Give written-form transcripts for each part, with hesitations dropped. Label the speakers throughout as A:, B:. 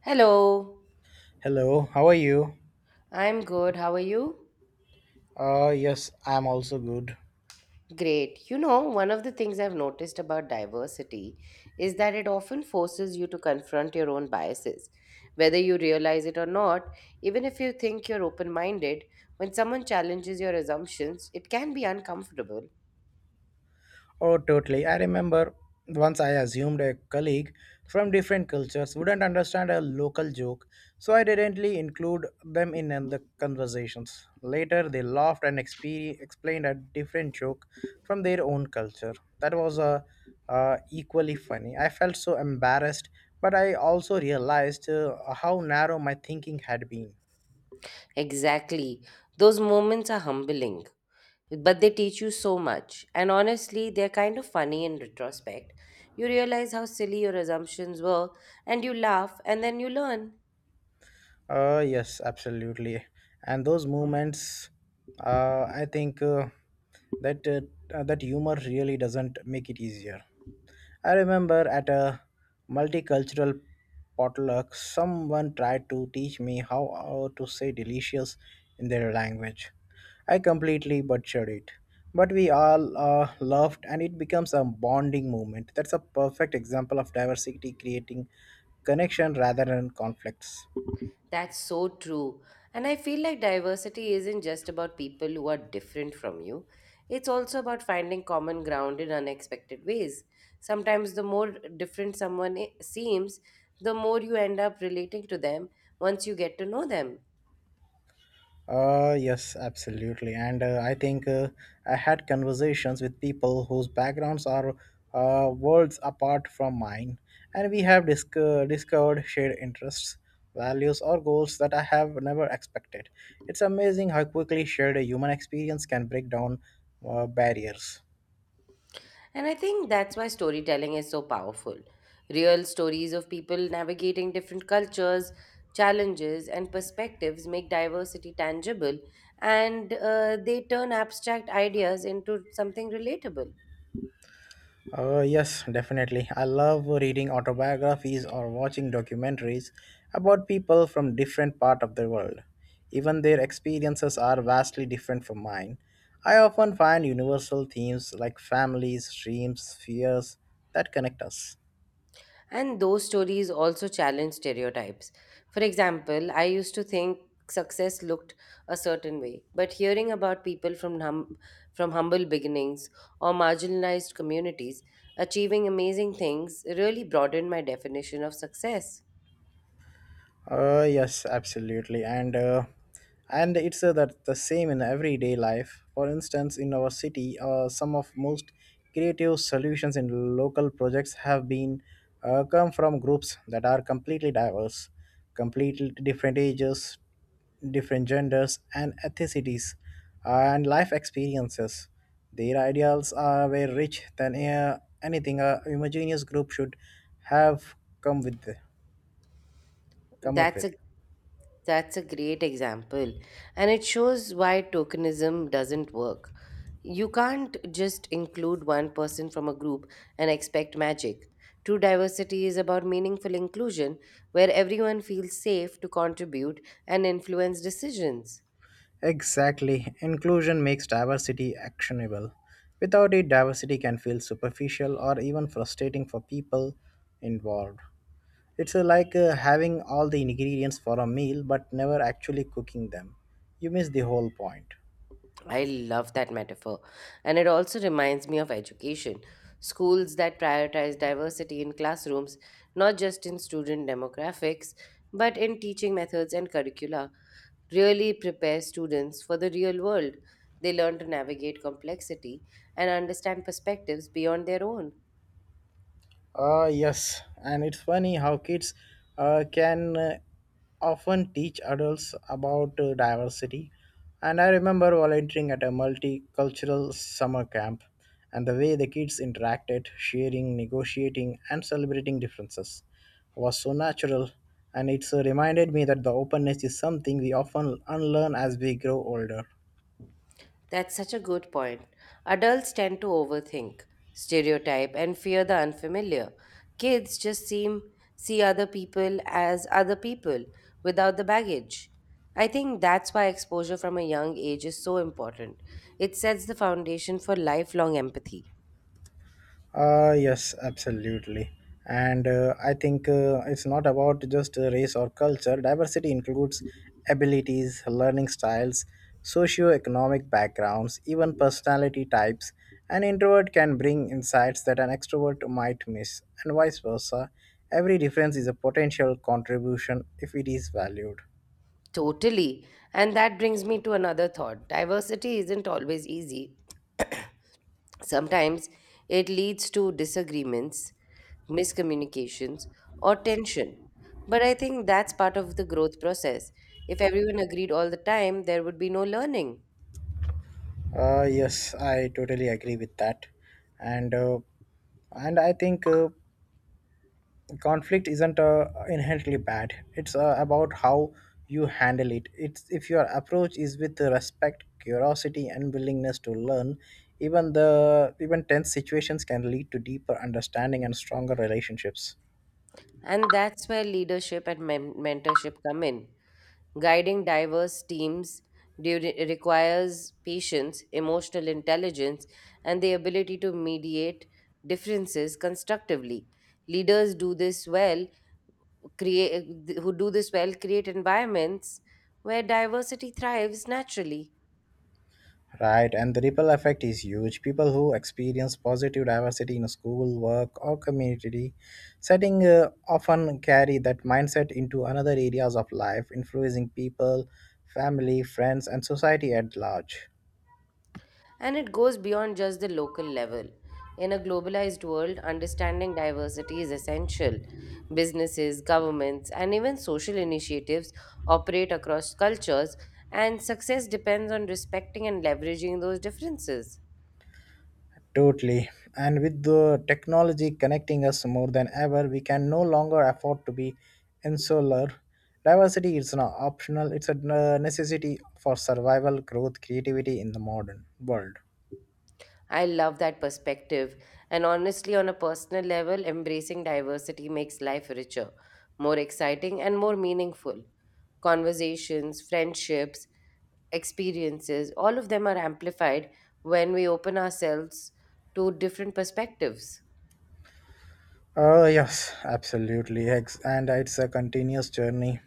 A: Hello,
B: Hello, how are you?
A: I'm good. How are you?
B: Yes, I'm also good.
A: Great. You know, one of the things I've noticed about diversity is that it often forces you to confront your own biases. Whether you realize it or not, even if you think you're open minded, when someone challenges your assumptions, it can be uncomfortable.
B: Oh, totally. I remember once I assumed a colleague from different cultures wouldn't understand a local joke, so I didn't really include them in the conversations. Later, they laughed and explained a different joke from their own culture. That was equally funny. I felt so embarrassed, but I also realized how narrow my thinking had been.
A: Exactly. Those moments are humbling, but they teach you so much. And honestly, they're kind of funny in retrospect. You realize how silly your assumptions were, and you laugh, and then you learn.
B: Yes, absolutely. And those movements, I think that that humor really doesn't make it easier. I remember at a multicultural potluck, someone tried to teach me how to say delicious in their language. I completely butchered it. But we all laughed, and it becomes a bonding moment. That's a perfect example of diversity creating connection rather than conflicts.
A: That's so true. And I feel like diversity isn't just about people who are different from you, it's also about finding common ground in unexpected ways. Sometimes the more different someone seems, the more you end up relating to them once you get to know them.
B: Yes, absolutely. And I think I had conversations with people whose backgrounds are worlds apart from mine, and we have discovered shared interests, values, or goals that I have never expected. It's amazing how quickly shared human experience can break down barriers.
A: And I think that's why storytelling is so powerful. Real stories of people navigating different cultures, challenges, and perspectives make diversity tangible, and they turn abstract ideas into something relatable.
B: Yes, definitely. I love reading autobiographies or watching documentaries about people from different part of the world. Even their experiences are vastly different from mine. I often find universal themes like families, dreams, fears that connect us.
A: And those stories also challenge stereotypes. For example, I used to think success looked a certain way, but hearing about people from humble beginnings or marginalized communities achieving amazing things really broadened my definition of success.
B: Yes, absolutely. And it's that the same in everyday life. For instance, in our city, some of most creative solutions in local projects have been come from groups that are completely diverse, completely different ages, different genders and ethnicities and life experiences. Their ideals are way rich than anything a homogeneous group should have come with come up
A: That's
B: with.
A: a That's a great example. And it shows why tokenism doesn't work. You can't just include one person from a group and expect magic. True diversity is about meaningful inclusion, where everyone feels safe to contribute and influence decisions.
B: Exactly. Inclusion makes diversity actionable. Without it, diversity can feel superficial or even frustrating for people involved. It's like having all the ingredients for a meal but never actually cooking them. You miss the whole point.
A: I love that metaphor. And it also reminds me of education. Schools that prioritize diversity in classrooms, not just in student demographics, but in teaching methods and curricula, really prepare students for the real world. They learn to navigate complexity and understand perspectives beyond their own.
B: Yes, and it's funny how kids can often teach adults about diversity. And I remember volunteering at a multicultural summer camp and the way the kids interacted, sharing, negotiating, and celebrating differences was so natural. And it's reminded me that the openness is something we often unlearn as we grow older.
A: That's such a good point. Adults tend to overthink, stereotype, and fear the unfamiliar. Kids just seem see other people as other people without the baggage. I think that's why exposure from a young age is so important. It sets the foundation for lifelong empathy.
B: Yes, absolutely. And I think it's not about just race or culture. Diversity includes abilities, learning styles, socio-economic backgrounds, even personality types. An introvert can bring insights that an extrovert might miss, and vice versa. Every difference is a potential contribution if it is valued.
A: Totally. And that brings me to another thought. Diversity isn't always easy. Sometimes it leads to disagreements, miscommunications, or tension. But I think that's part of the growth process. If everyone agreed all the time, there would be no learning.
B: Yes, I totally agree with that, and uh, and I think conflict isn't inherently bad. It's about how you handle it. It's if your approach is with respect, curiosity and willingness to learn, even the even tense situations can lead to deeper understanding and stronger relationships.
A: And that's where leadership and mentorship come in. Guiding diverse teams requires patience, emotional intelligence, and the ability to mediate differences constructively. Leaders do this well create who do this well create environments where diversity thrives naturally.
B: Right, and the ripple effect is huge. People who experience positive diversity in school, work or community setting often carry that mindset into another areas of life, influencing people, family, friends and society at large.
A: And it goes beyond just the local level. In a globalized world, understanding diversity is essential. Businesses, governments, and even social initiatives operate across cultures, and success depends on respecting and leveraging those differences.
B: Totally. And with the technology connecting us more than ever, we can no longer afford to be insular. Diversity is not optional, it's a necessity for survival, growth, creativity in the modern world.
A: I love that perspective. And honestly, on a personal level, embracing diversity makes life richer, more exciting, and more meaningful. Conversations, friendships, experiences, all of them are amplified when we open ourselves to different perspectives.
B: Oh, yes, absolutely. And it's a continuous journey.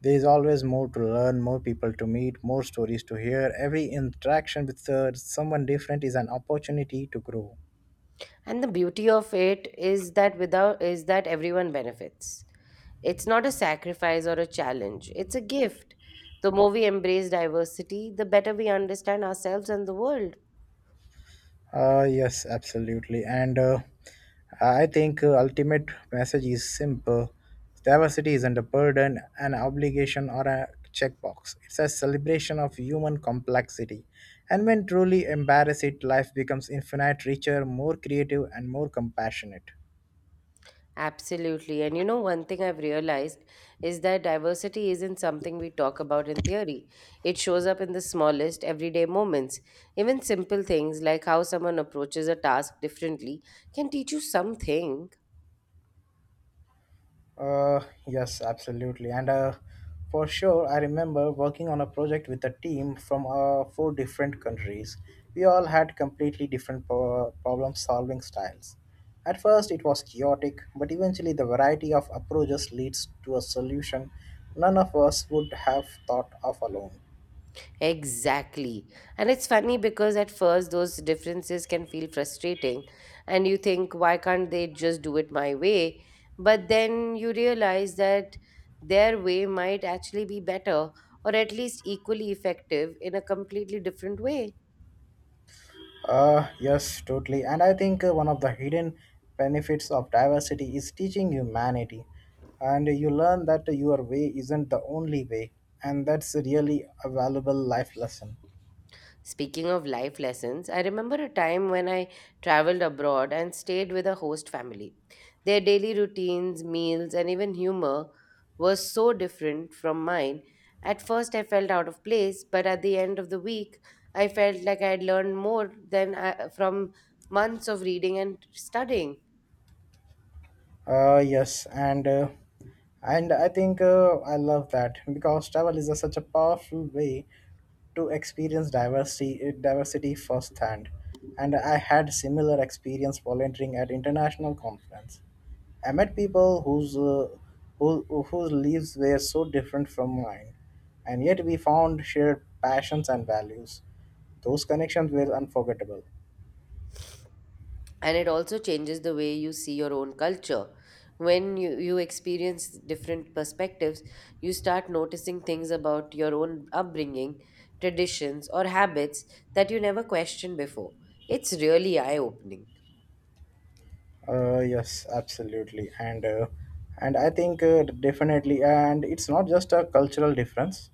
B: There is always more to learn, more people to meet, more stories to hear. Every interaction with someone different is an opportunity to grow.
A: And the beauty of it is that everyone benefits. It's not a sacrifice or a challenge. It's a gift. The more we embrace diversity, the better we understand ourselves and the world.
B: Yes, absolutely. And I think ultimate message is simple. Diversity isn't a burden, an obligation, or a checkbox. It's a celebration of human complexity. And when truly embrace it, life becomes infinite richer, more creative, and more compassionate.
A: Absolutely. And you know, one thing I've realized is that diversity isn't something we talk about in theory. It shows up in the smallest, everyday moments. Even simple things like how someone approaches a task differently can teach you something.
B: Uh, yes, absolutely. And for sure, I remember working on a project with a team from four different countries. We all had completely different problem solving styles. At first, it was chaotic, but eventually, the variety of approaches leads to a solution none of us would have thought of alone.
A: Exactly. And it's funny because at first those differences can feel frustrating and you think, why can't they just do it my way? But then you realize that their way might actually be better, or at least equally effective in a completely different way.
B: Yes, totally. And I think one of the hidden benefits of diversity is teaching humanity. And you learn that your way isn't the only way. And that's really a valuable life lesson.
A: Speaking of life lessons, I remember a time when I traveled abroad and stayed with a host family. Their daily routines, meals, and even humor were so different from mine. At first, I felt out of place, but at the end of the week, I felt like I had learned more than from months of reading and studying.
B: Yes, and I think I love that because travel is a, such a powerful way to experience diversity firsthand. And I had similar experience volunteering at international conference. I met people who, whose lives were so different from mine, and yet we found shared passions and values. Those connections were unforgettable.
A: And it also changes the way you see your own culture. When you experience different perspectives, you start noticing things about your own upbringing, traditions, or habits that you never questioned before. It's really eye-opening.
B: Yes, absolutely, and I think definitely, and it's not just a cultural difference,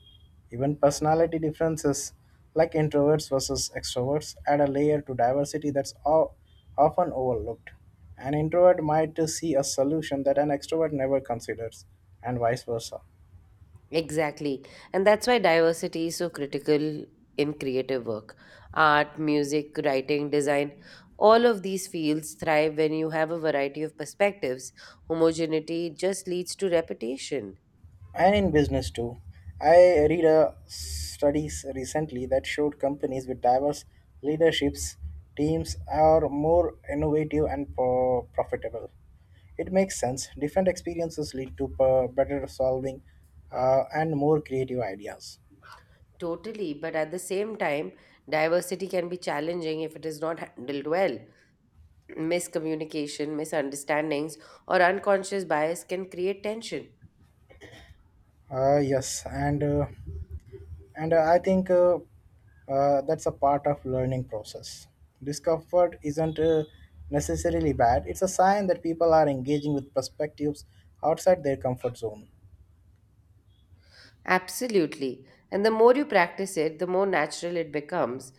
B: even personality differences, like introverts versus extroverts, add a layer to diversity that's often overlooked. An introvert might see a solution that an extrovert never considers, and vice versa.
A: Exactly. And that's why diversity is so critical in creative work. Art, music, writing, design, all of these fields thrive when you have a variety of perspectives. Homogeneity just leads to repetition.
B: And in business too. I read a studies recently that showed companies with diverse leaderships teams are more innovative and profitable. It makes sense. Different experiences lead to better solving and more creative ideas.
A: Totally, but at the same time, diversity can be challenging if it is not handled well. Miscommunication, misunderstandings, or unconscious bias can create tension.
B: Yes, and I think that's a part of learning process. Discomfort isn't necessarily bad. It's a sign that people are engaging with perspectives outside their comfort zone.
A: Absolutely. And the more you practice it, the more natural it becomes.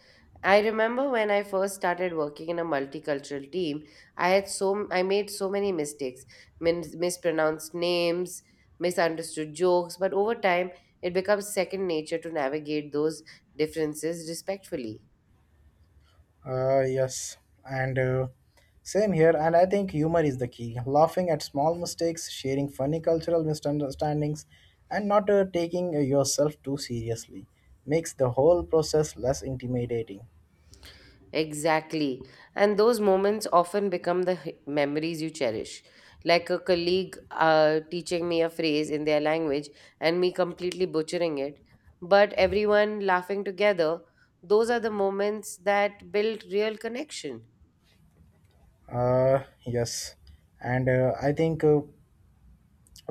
A: I remember when I first started working in a multicultural team, I made so many mistakes, mispronounced names, misunderstood jokes, but over time it becomes second nature to navigate those differences respectfully.
B: Yes, and same here. And I think humor is the key. Laughing at small mistakes, sharing funny cultural misunderstandings, and not taking yourself too seriously makes the whole process less intimidating.
A: Exactly. And those moments often become the memories you cherish. Like a colleague teaching me a phrase in their language and me completely butchering it, but everyone laughing together, those are the moments that build real connection.
B: uh, yes, and I think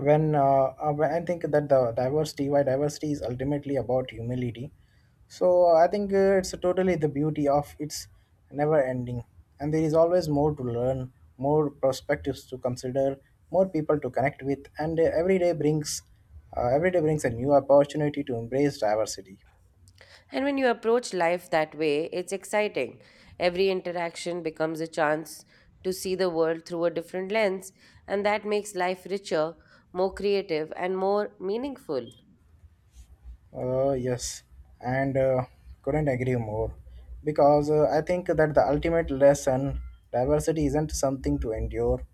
B: when uh, when I think that the diversity, why diversity is ultimately about humility. So I think it's totally the beauty of it's never ending, and there is always more to learn, more perspectives to consider, more people to connect with, and every day brings a new opportunity to embrace diversity.
A: And when you approach life that way, it's exciting. Every interaction becomes a chance to see the world through a different lens, and that makes life richer, more creative, and more meaningful.
B: Yes, and couldn't agree more because I think that the ultimate lesson diversity isn't something to endure,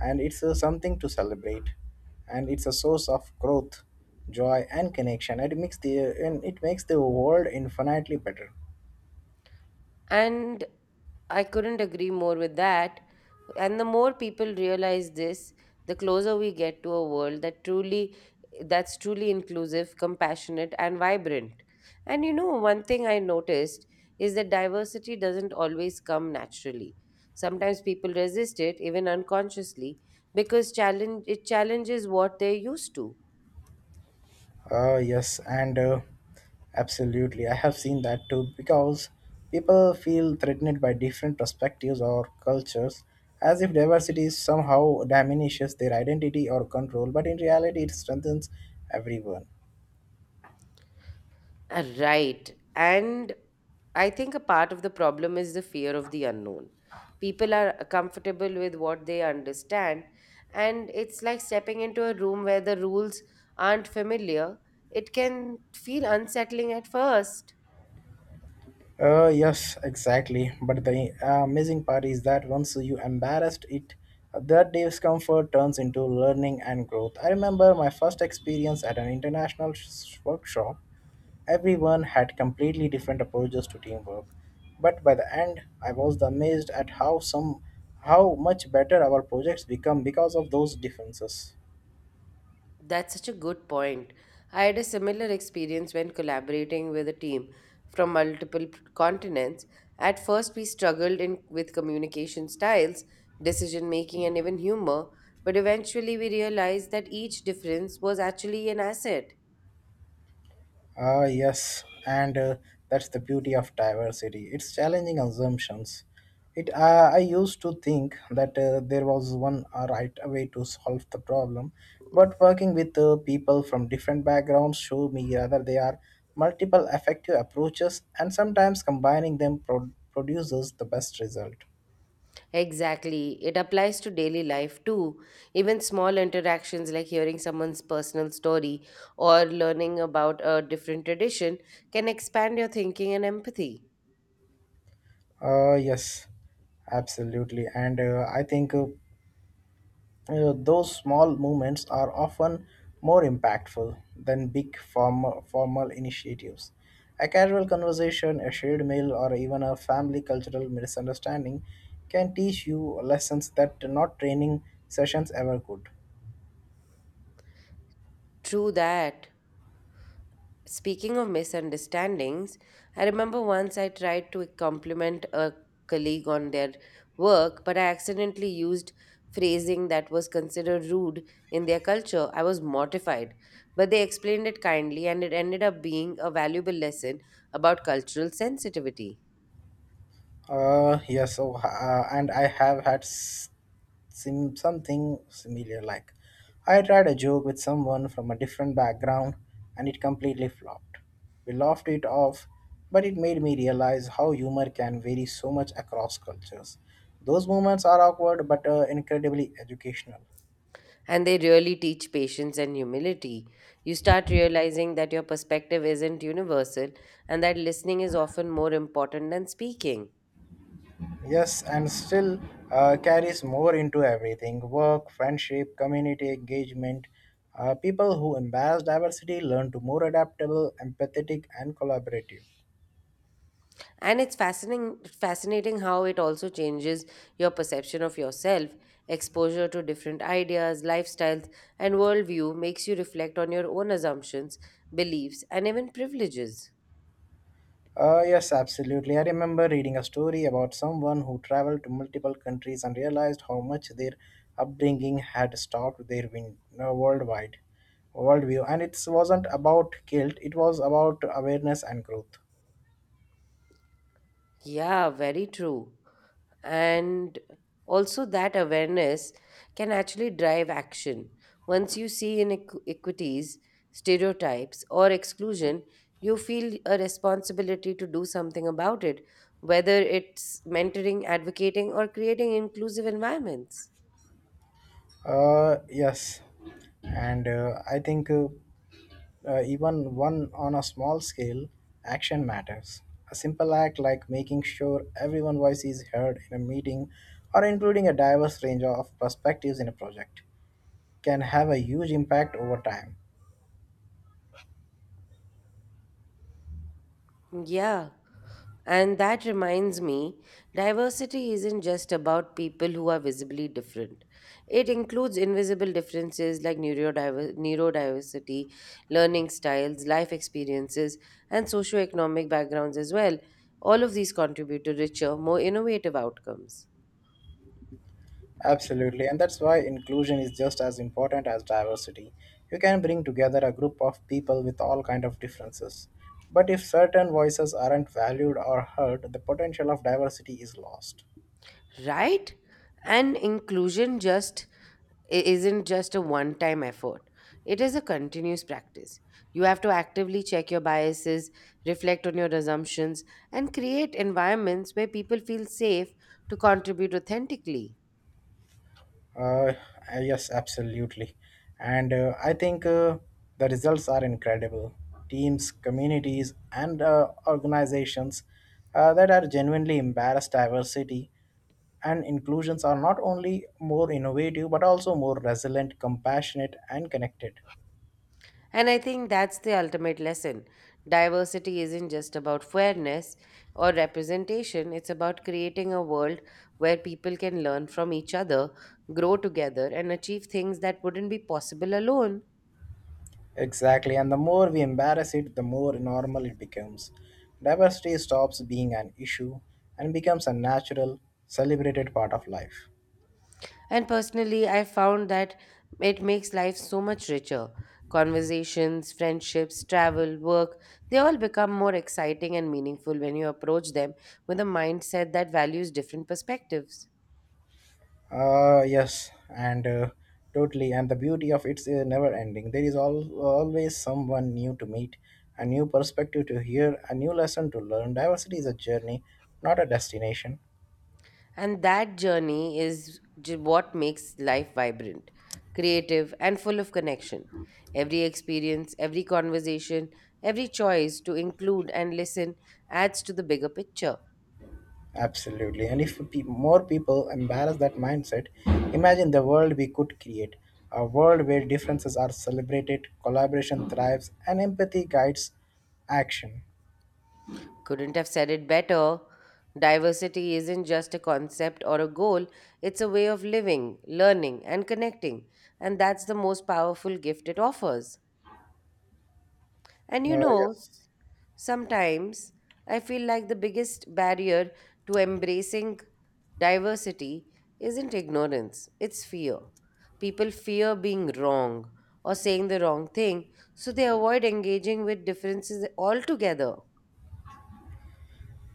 B: and it's something to celebrate, and it's a source of growth, joy, and connection. It makes the and it makes the world infinitely better.
A: And I couldn't agree more with that. And the more people realize this, the closer we get to a world that truly that's truly inclusive, compassionate, and vibrant. And you know, one thing I noticed is that diversity doesn't always come naturally. Sometimes people resist it, even unconsciously, because challenges what they're used to.
B: Yes, and absolutely. I have seen that too because people feel threatened by different perspectives or cultures as if diversity somehow diminishes their identity or control, but in reality, it strengthens everyone.
A: Right. And I think a part of the problem is the fear of the unknown. People are comfortable with what they understand, and it's like stepping into a room where the rules aren't familiar. It can feel unsettling at first.
B: Yes, exactly. But the amazing part is that once you embarrassed it, that discomfort turns into learning and growth. I remember my first experience at an international workshop. Everyone had completely different approaches to teamwork, but by the end, I was amazed at how much better our projects become because of those differences.
A: That's such a good point. I had a similar experience when collaborating with a team from multiple continents. At first, we struggled with communication styles, decision making, and even humor, but eventually we realized that each difference was actually an asset.
B: Ah, yes, and that's the beauty of diversity. It's challenging assumptions. It I used to think that there was one right way to solve the problem, but working with people from different backgrounds show me rather they are multiple effective approaches, and sometimes combining them produces the best result.
A: Exactly. It applies to daily life too. Even small interactions like hearing someone's personal story or learning about a different tradition can expand your thinking and empathy.
B: Yes, absolutely, and I think. Those small movements are often more impactful than big formal initiatives. A casual conversation, a shared meal, or even a family cultural misunderstanding can teach you lessons that not training sessions ever could.
A: True that. Speaking of misunderstandings, I remember once I tried to compliment a colleague on their work, but I accidentally used phrasing that was considered rude in their culture. I was mortified, but they explained it kindly, and it ended up being a valuable lesson about cultural sensitivity.
B: Yeah, so and I have had something similar. Like, I tried a joke with someone from a different background and it completely flopped. We laughed it off, but it made me realize how humor can vary so much across cultures. Those moments are awkward but incredibly educational.
A: And they really teach patience and humility. You start realizing that your perspective isn't universal and that listening is often more important than speaking.
B: Yes, and still carries more into everything work, friendship, community engagement. People who embrace diversity learn to more adaptable, empathetic, and collaborative.
A: And it's fascinating how it also changes your perception of yourself. Exposure to different ideas, lifestyles, and worldview makes you reflect on your own assumptions, beliefs, and even privileges.
B: Yes, absolutely. I remember reading a story about someone who traveled to multiple countries and realized how much their upbringing had stopped their win- worldwide worldview. And it wasn't about guilt; it was about awareness and growth.
A: Yeah, very true. And also, that awareness can actually drive action. Once you see inequities, stereotypes, or exclusion, you feel a responsibility to do something about it, whether it's mentoring, advocating, or creating inclusive environments.
B: Yes, and I think. Even one on a small scale, action matters. A simple act like making sure everyone's voice is heard in a meeting or including a diverse range of perspectives in a project can have a huge impact over time.
A: Yeah. And that reminds me, diversity isn't just about people who are visibly different. It includes invisible differences like neurodiversity, learning styles, life experiences, and socioeconomic backgrounds as well. All of these contribute to richer, more innovative outcomes.
B: Absolutely, and that's why inclusion is just as important as diversity. You can bring together a group of people with all kind of differences. But if certain voices aren't valued or heard, the potential of diversity is lost.
A: Right? And inclusion isn't just a one time effort. It is a continuous practice. You have to actively check your biases, reflect on your assumptions, and create environments where people feel safe to contribute authentically.
B: Uh, yes, absolutely. And I think the results are incredible. Teams, communities, and organizations that are genuinely embarrassed diversity and inclusions are not only more innovative but also more resilient, compassionate, and connected.
A: And I think that's the ultimate lesson. Diversity isn't just about fairness or representation, it's about creating a world where people can learn from each other, grow together, and achieve things that wouldn't be possible alone.
B: Exactly, and the more we embarrass it, the more normal it becomes. Diversity stops being an issue and becomes a natural, celebrated part of life.
A: And personally, I found that it makes life so much richer. Conversations, friendships, travel, work, they all become more exciting and meaningful when you approach them with a mindset that values different perspectives.
B: Yes, and totally. And the beauty of it's never ending. There is always someone new to meet, a new perspective to hear, a new lesson to learn. Diversity is a journey, not a destination.
A: And that journey is what makes life vibrant, creative, and full of connection. Every experience, every conversation, every choice to include and listen adds to the bigger picture.
B: Absolutely. And if more people embrace that mindset, imagine the world we could create, a world where differences are celebrated, collaboration thrives, and empathy guides action.
A: Couldn't have said it better. Diversity isn't just a concept or a goal, it's a way of living, learning, and connecting. And that's the most powerful gift it offers. And you
B: Uh,
A: know,
B: yes.
A: sometimes I feel like the biggest barrier to embracing diversity isn't ignorance, it's fear. People fear being wrong or saying the wrong thing, so they avoid engaging with differences altogether.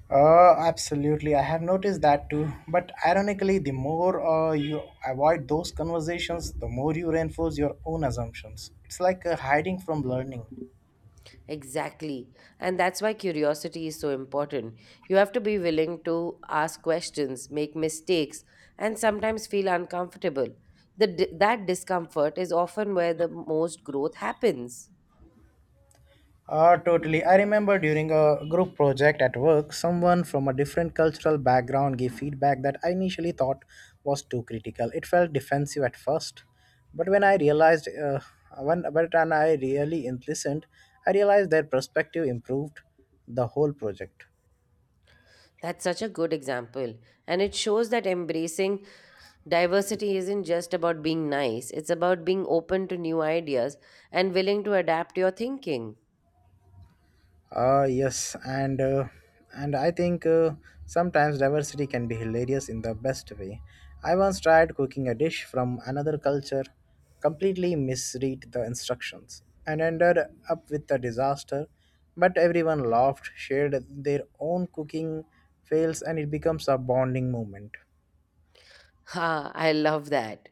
B: Absolutely. I have noticed that too. But ironically, the more you avoid those conversations, the more you reinforce your own assumptions. It's like hiding from learning.
A: Exactly. And that's why curiosity is so important. You have to be willing to ask questions, make mistakes, and sometimes feel uncomfortable. That discomfort is often where the most growth happens.
B: Totally. I remember during a group project at work, someone from a different cultural background gave feedback that I initially thought was too critical. It felt defensive at first, but when I realized, when but and I really listened, I realized their perspective improved the whole project.
A: That's such a good example. And it shows that embracing diversity isn't just about being nice, it's about being open to new ideas and willing to adapt your thinking.
B: Uh, yes, and uh, and I think sometimes diversity can be hilarious in the best way. I once tried cooking a dish from another culture, completely misread the instructions, and ended up with a disaster. But everyone laughed, shared their own cooking fails, and it becomes a bonding moment.
A: Ha, I love that.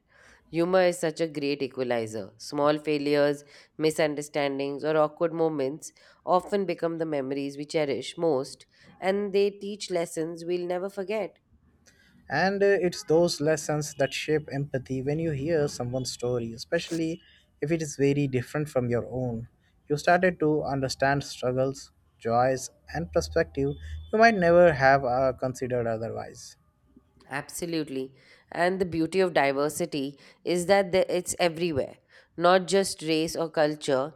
A: Humor is such a great equalizer. Small failures, misunderstandings, or awkward moments often become the memories we cherish most, and they teach lessons we'll never forget.
B: And It's those lessons that shape empathy when you hear someone's story, especially if it is very different from your own. You started to understand struggles, joys, and perspective you might never have considered otherwise.
A: Absolutely. And the beauty of diversity is that it's everywhere, not just race or culture,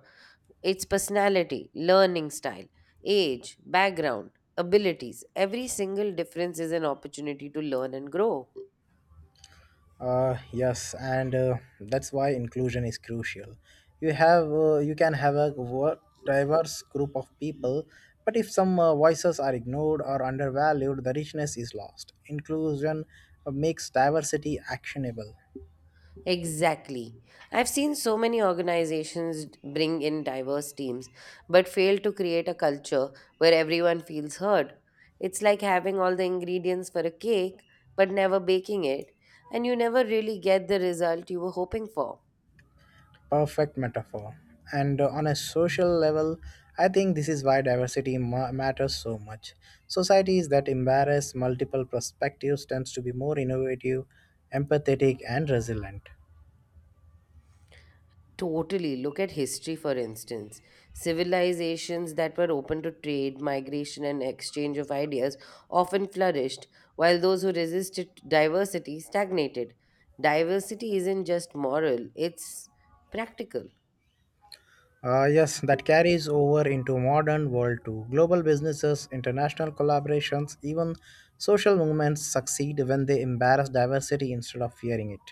A: it's personality, learning style, age, background, abilities. Every single difference is an opportunity to learn and grow.
B: Yes, and that's why inclusion is crucial. You can have a diverse group of people, but if some voices are ignored or undervalued, the richness is lost. Inclusion makes diversity actionable.
A: Exactly. I've seen so many organizations bring in diverse teams, but fail to create a culture where everyone feels heard. It's like having all the ingredients for a cake, but never baking it, and you never really get the result you were hoping for.
B: Perfect metaphor. And On a social level, I think this is why diversity matters so much. Societies that embrace multiple perspectives tends to be more innovative, empathetic, and resilient.
A: Totally. Look at history, for instance. Civilizations that were open to trade, migration, and exchange of ideas often flourished, while those who resisted diversity stagnated. Diversity isn't just moral, it's practical.
B: Yes, that carries over into modern world too. Global businesses, international collaborations, even social movements succeed when they embrace diversity instead of fearing it.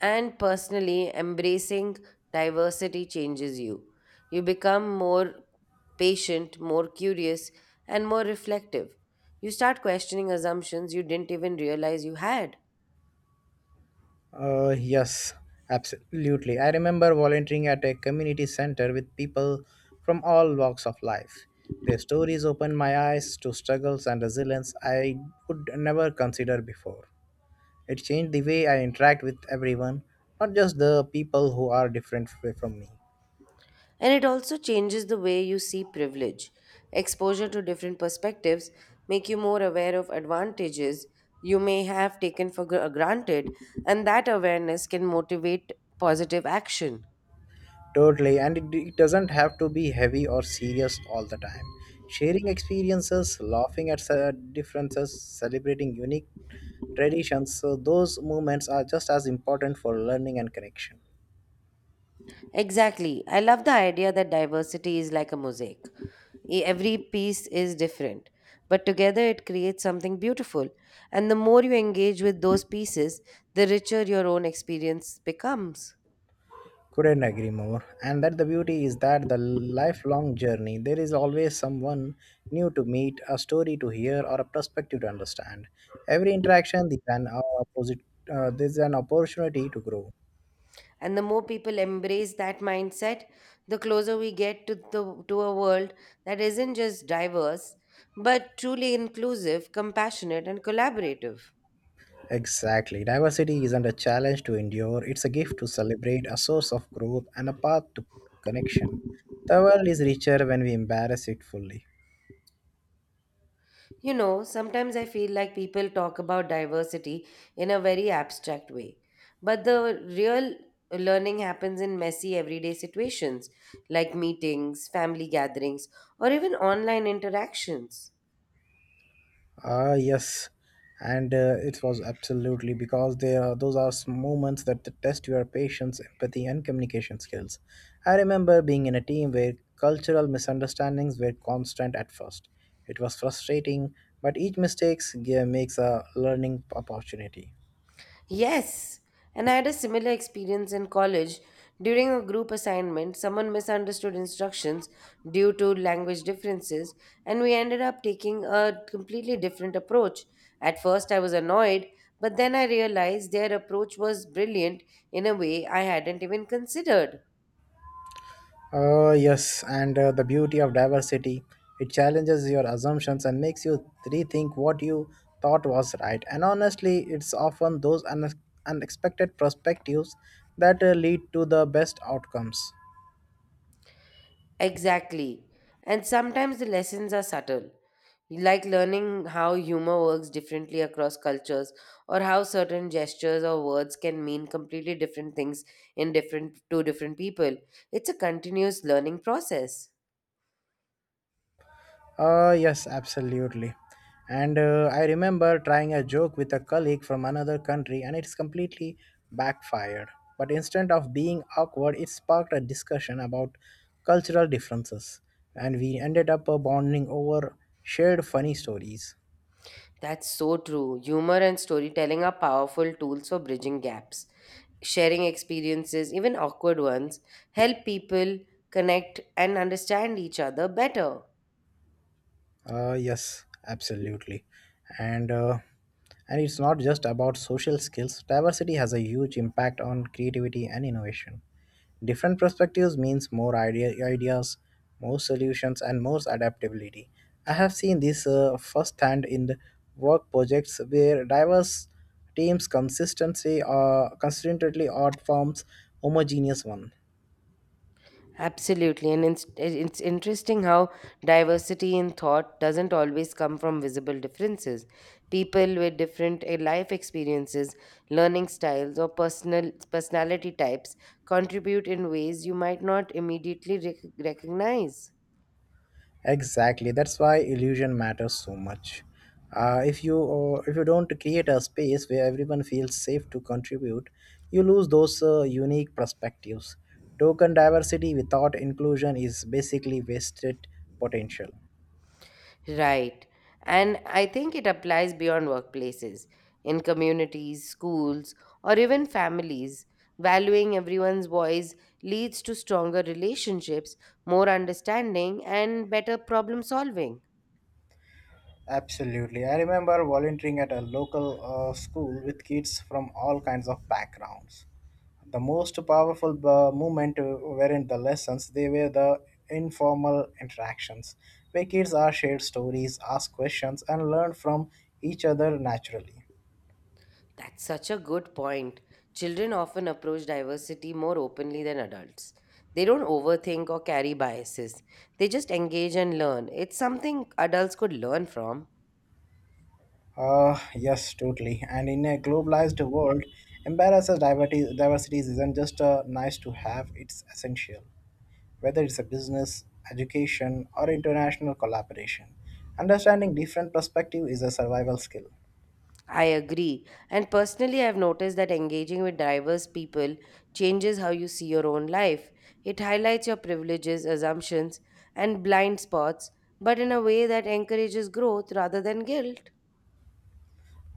A: And personally, embracing diversity changes you. You become more patient, more curious, and more reflective. You start questioning assumptions you didn't even realize you had.
B: Uh, yes, absolutely. I remember volunteering at a community center with people from all walks of life. Their stories opened my eyes to struggles and resilience I would never consider before. It changed the way I interact with everyone, not just the people who are different from me.
A: And it also changes the way you see privilege. Exposure to different perspectives make you more aware of advantages you may have taken for granted, and that awareness can motivate positive action.
B: Totally, and it doesn't have to be heavy or serious all the time. Sharing experiences, laughing at differences, celebrating unique traditions, so those moments are just as important for learning and connection.
A: Exactly. I love the idea that diversity is like a mosaic. Every piece is different, but together it creates something beautiful. And the more you engage with those pieces, the richer your own experience becomes.
B: Couldn't agree more. And that the beauty is that the lifelong journey, there is always someone new to meet, a story to hear, or a perspective to understand. Every interaction is an there's an opportunity to grow.
A: And the more people embrace that mindset, the closer we get to the to a world that isn't just diverse, but truly inclusive, compassionate, and collaborative.
B: Exactly. Diversity isn't a challenge to endure, it's a gift to celebrate, a source of growth, and a path to connection. The world is richer when we embrace it fully.
A: You know, sometimes I feel like people talk about diversity in a very abstract way, but the real learning happens in messy everyday situations, like meetings, family gatherings, or even online interactions.
B: Yes. And It was absolutely because those are moments that test your patience, empathy, and communication skills. I remember being in a team where cultural misunderstandings were constant at first. It was frustrating, but each mistake makes a learning opportunity.
A: Yes, and I had a similar experience in college. During a group assignment, someone misunderstood instructions due to language differences, and we ended up taking a completely different approach. At first, I was annoyed, but then I realized their approach was brilliant in a way I hadn't even considered.
B: Yes, and the beauty of diversity. It challenges your assumptions and makes you rethink what you thought was right. And honestly, it's often those unexpected perspectives that lead to the best outcomes.
A: Exactly. And sometimes the lessons are subtle, like learning how humor works differently across cultures or how certain gestures or words can mean completely different things in different to different people. It's a continuous learning process.
B: Yes, absolutely. And I remember trying a joke with a colleague from another country, and it's completely backfired. But instead of being awkward, it sparked a discussion about cultural differences, and we ended up bonding over shared funny stories.
A: That's so true. Humor and storytelling are powerful tools for bridging gaps. Sharing experiences, even awkward ones, help people connect and understand each other better.
B: Yes, absolutely. And uh, and it's not just about social skills. Diversity has a huge impact on creativity and innovation. Different perspectives means ideas, more solutions, and more adaptability. I have seen this firsthand in the work projects where diverse teams consistently outperforms homogeneous one.
A: Absolutely. And it's interesting how diversity in thought doesn't always come from visible differences. People with different life experiences, learning styles, or personality types contribute in ways you might not immediately recognize.
B: Exactly. That's why illusion matters so much. If you don't create a space where everyone feels safe to contribute, you lose those unique perspectives. Token diversity without inclusion is basically wasted potential.
A: Right. And I think it applies beyond workplaces, in communities, schools, or even families. Valuing everyone's voice leads to stronger relationships, more understanding, and better problem solving.
B: Absolutely. I remember volunteering at a local school with kids from all kinds of backgrounds. The most powerful moment weren't the lessons, they were the informal interactions where kids are shared stories, ask questions, and learn from each other naturally.
A: That's such a good point. Children often approach diversity more openly than adults. They don't overthink or carry biases, they just engage and learn. It's something adults could learn from.
B: Yes, totally. And in a globalized world, diversity isn't just nice to have, it's essential. Whether it's a business, education, or international collaboration. Understanding different perspective is a survival skill.
A: I agree. And personally, I've noticed that engaging with diverse people changes how you see your own life. It highlights your privileges, assumptions, and blind spots, but in a way that encourages growth rather than guilt.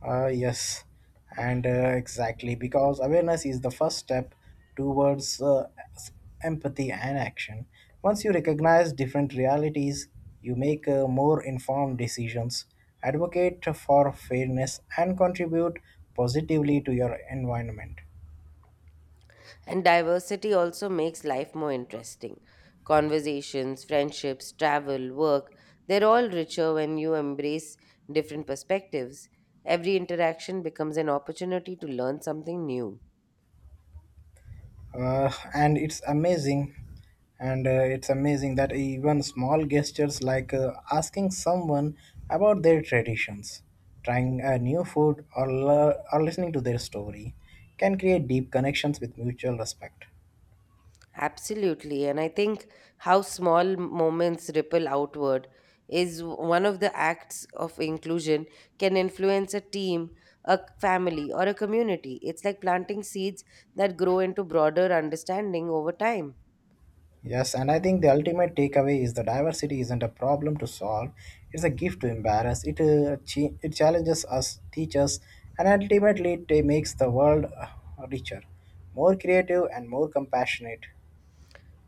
B: Yes, and exactly because awareness is the first step towards s- empathy and action. Once you recognize different realities, you make more informed decisions, advocate for fairness, and contribute positively to your environment.
A: And diversity also makes life more interesting. Conversations, friendships, travel, work, they're all richer when you embrace different perspectives. Every interaction becomes an opportunity to learn something new.
B: And it's amazing that even small gestures like asking someone about their traditions, trying a new food, or or listening to their story can create deep connections with mutual respect.
A: Absolutely. And I think how small moments ripple outward is one of the acts of inclusion can influence a team, a family, or a community. It's like planting seeds that grow into broader understanding over time.
B: Yes, and I think the ultimate takeaway is the diversity isn't a problem to solve, it's a gift to embarrass. It challenges us, teaches, and ultimately it makes the world richer, more creative, and more compassionate.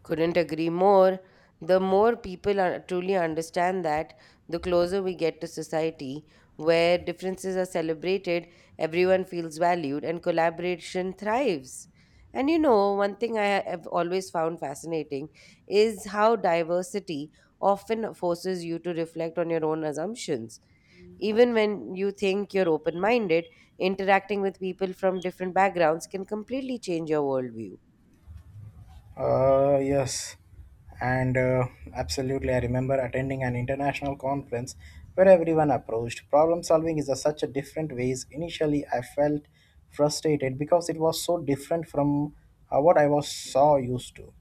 A: Couldn't agree more. The more people are, truly understand that, the closer we get to society where differences are celebrated, everyone feels valued, and collaboration thrives. And you know, one thing I have always found fascinating is how diversity often forces you to reflect on your own assumptions. Even when you think you're open minded, interacting with people from different backgrounds can completely change your worldview.
B: Yes, and absolutely. I remember attending an international conference where everyone approached problem solving is a, such a different ways. Initially, I felt frustrated because it was so different from what I was so used to.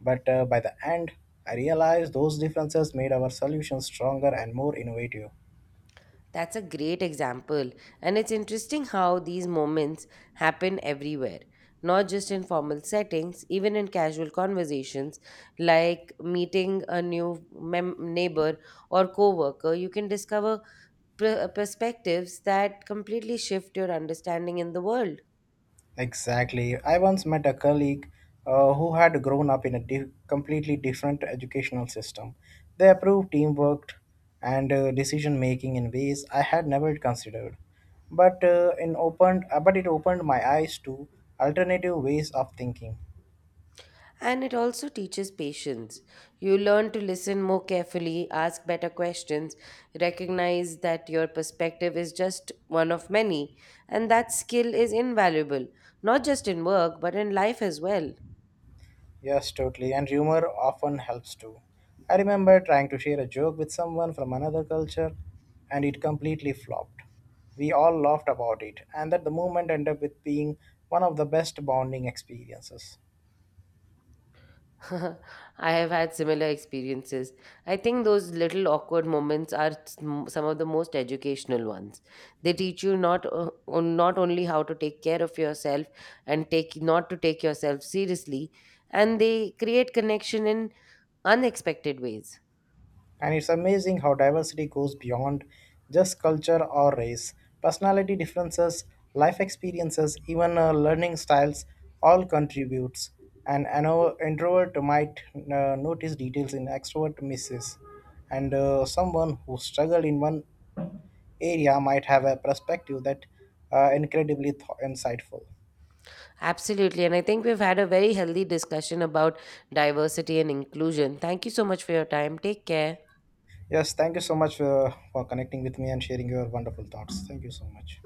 B: But By the end, I realized those differences made our solutions stronger and more innovative.
A: That's a great example, and it's interesting how these moments happen everywhere, not just in formal settings, even in casual conversations like meeting a new neighbor or coworker, you can discover perspectives that completely shift your understanding in the world.
B: Exactly. I once met a colleague who had grown up in a completely different educational system. They approved teamwork and decision making in ways I had never considered. But it opened my eyes to alternative ways of thinking.
A: And it also teaches patience. You learn to listen more carefully, ask better questions, recognize that your perspective is just one of many. And that skill is invaluable, not just in work, but in life as well.
B: Yes, totally. And humor often helps too. I remember trying to share a joke with someone from another culture and it completely flopped. We all laughed about it, and that the moment ended up with being one of the best bonding experiences.
A: I have had similar experiences. I think those little awkward moments are some of the most educational ones. They teach you not o- on not only how to take care of yourself and take not to take yourself seriously, and they create connection in unexpected ways.
B: And it's amazing how diversity goes beyond just culture or race. Personality differences, life experiences, even learning styles all contributes. An introvert might notice details in extrovert misses, and someone who struggled in one area might have a perspective that incredibly insightful.
A: Absolutely, and I think we've had a very healthy discussion about diversity and inclusion. Thank you so much for your time. Take care.
B: Yes, thank you so much for connecting with me and sharing your wonderful thoughts. Thank you so much.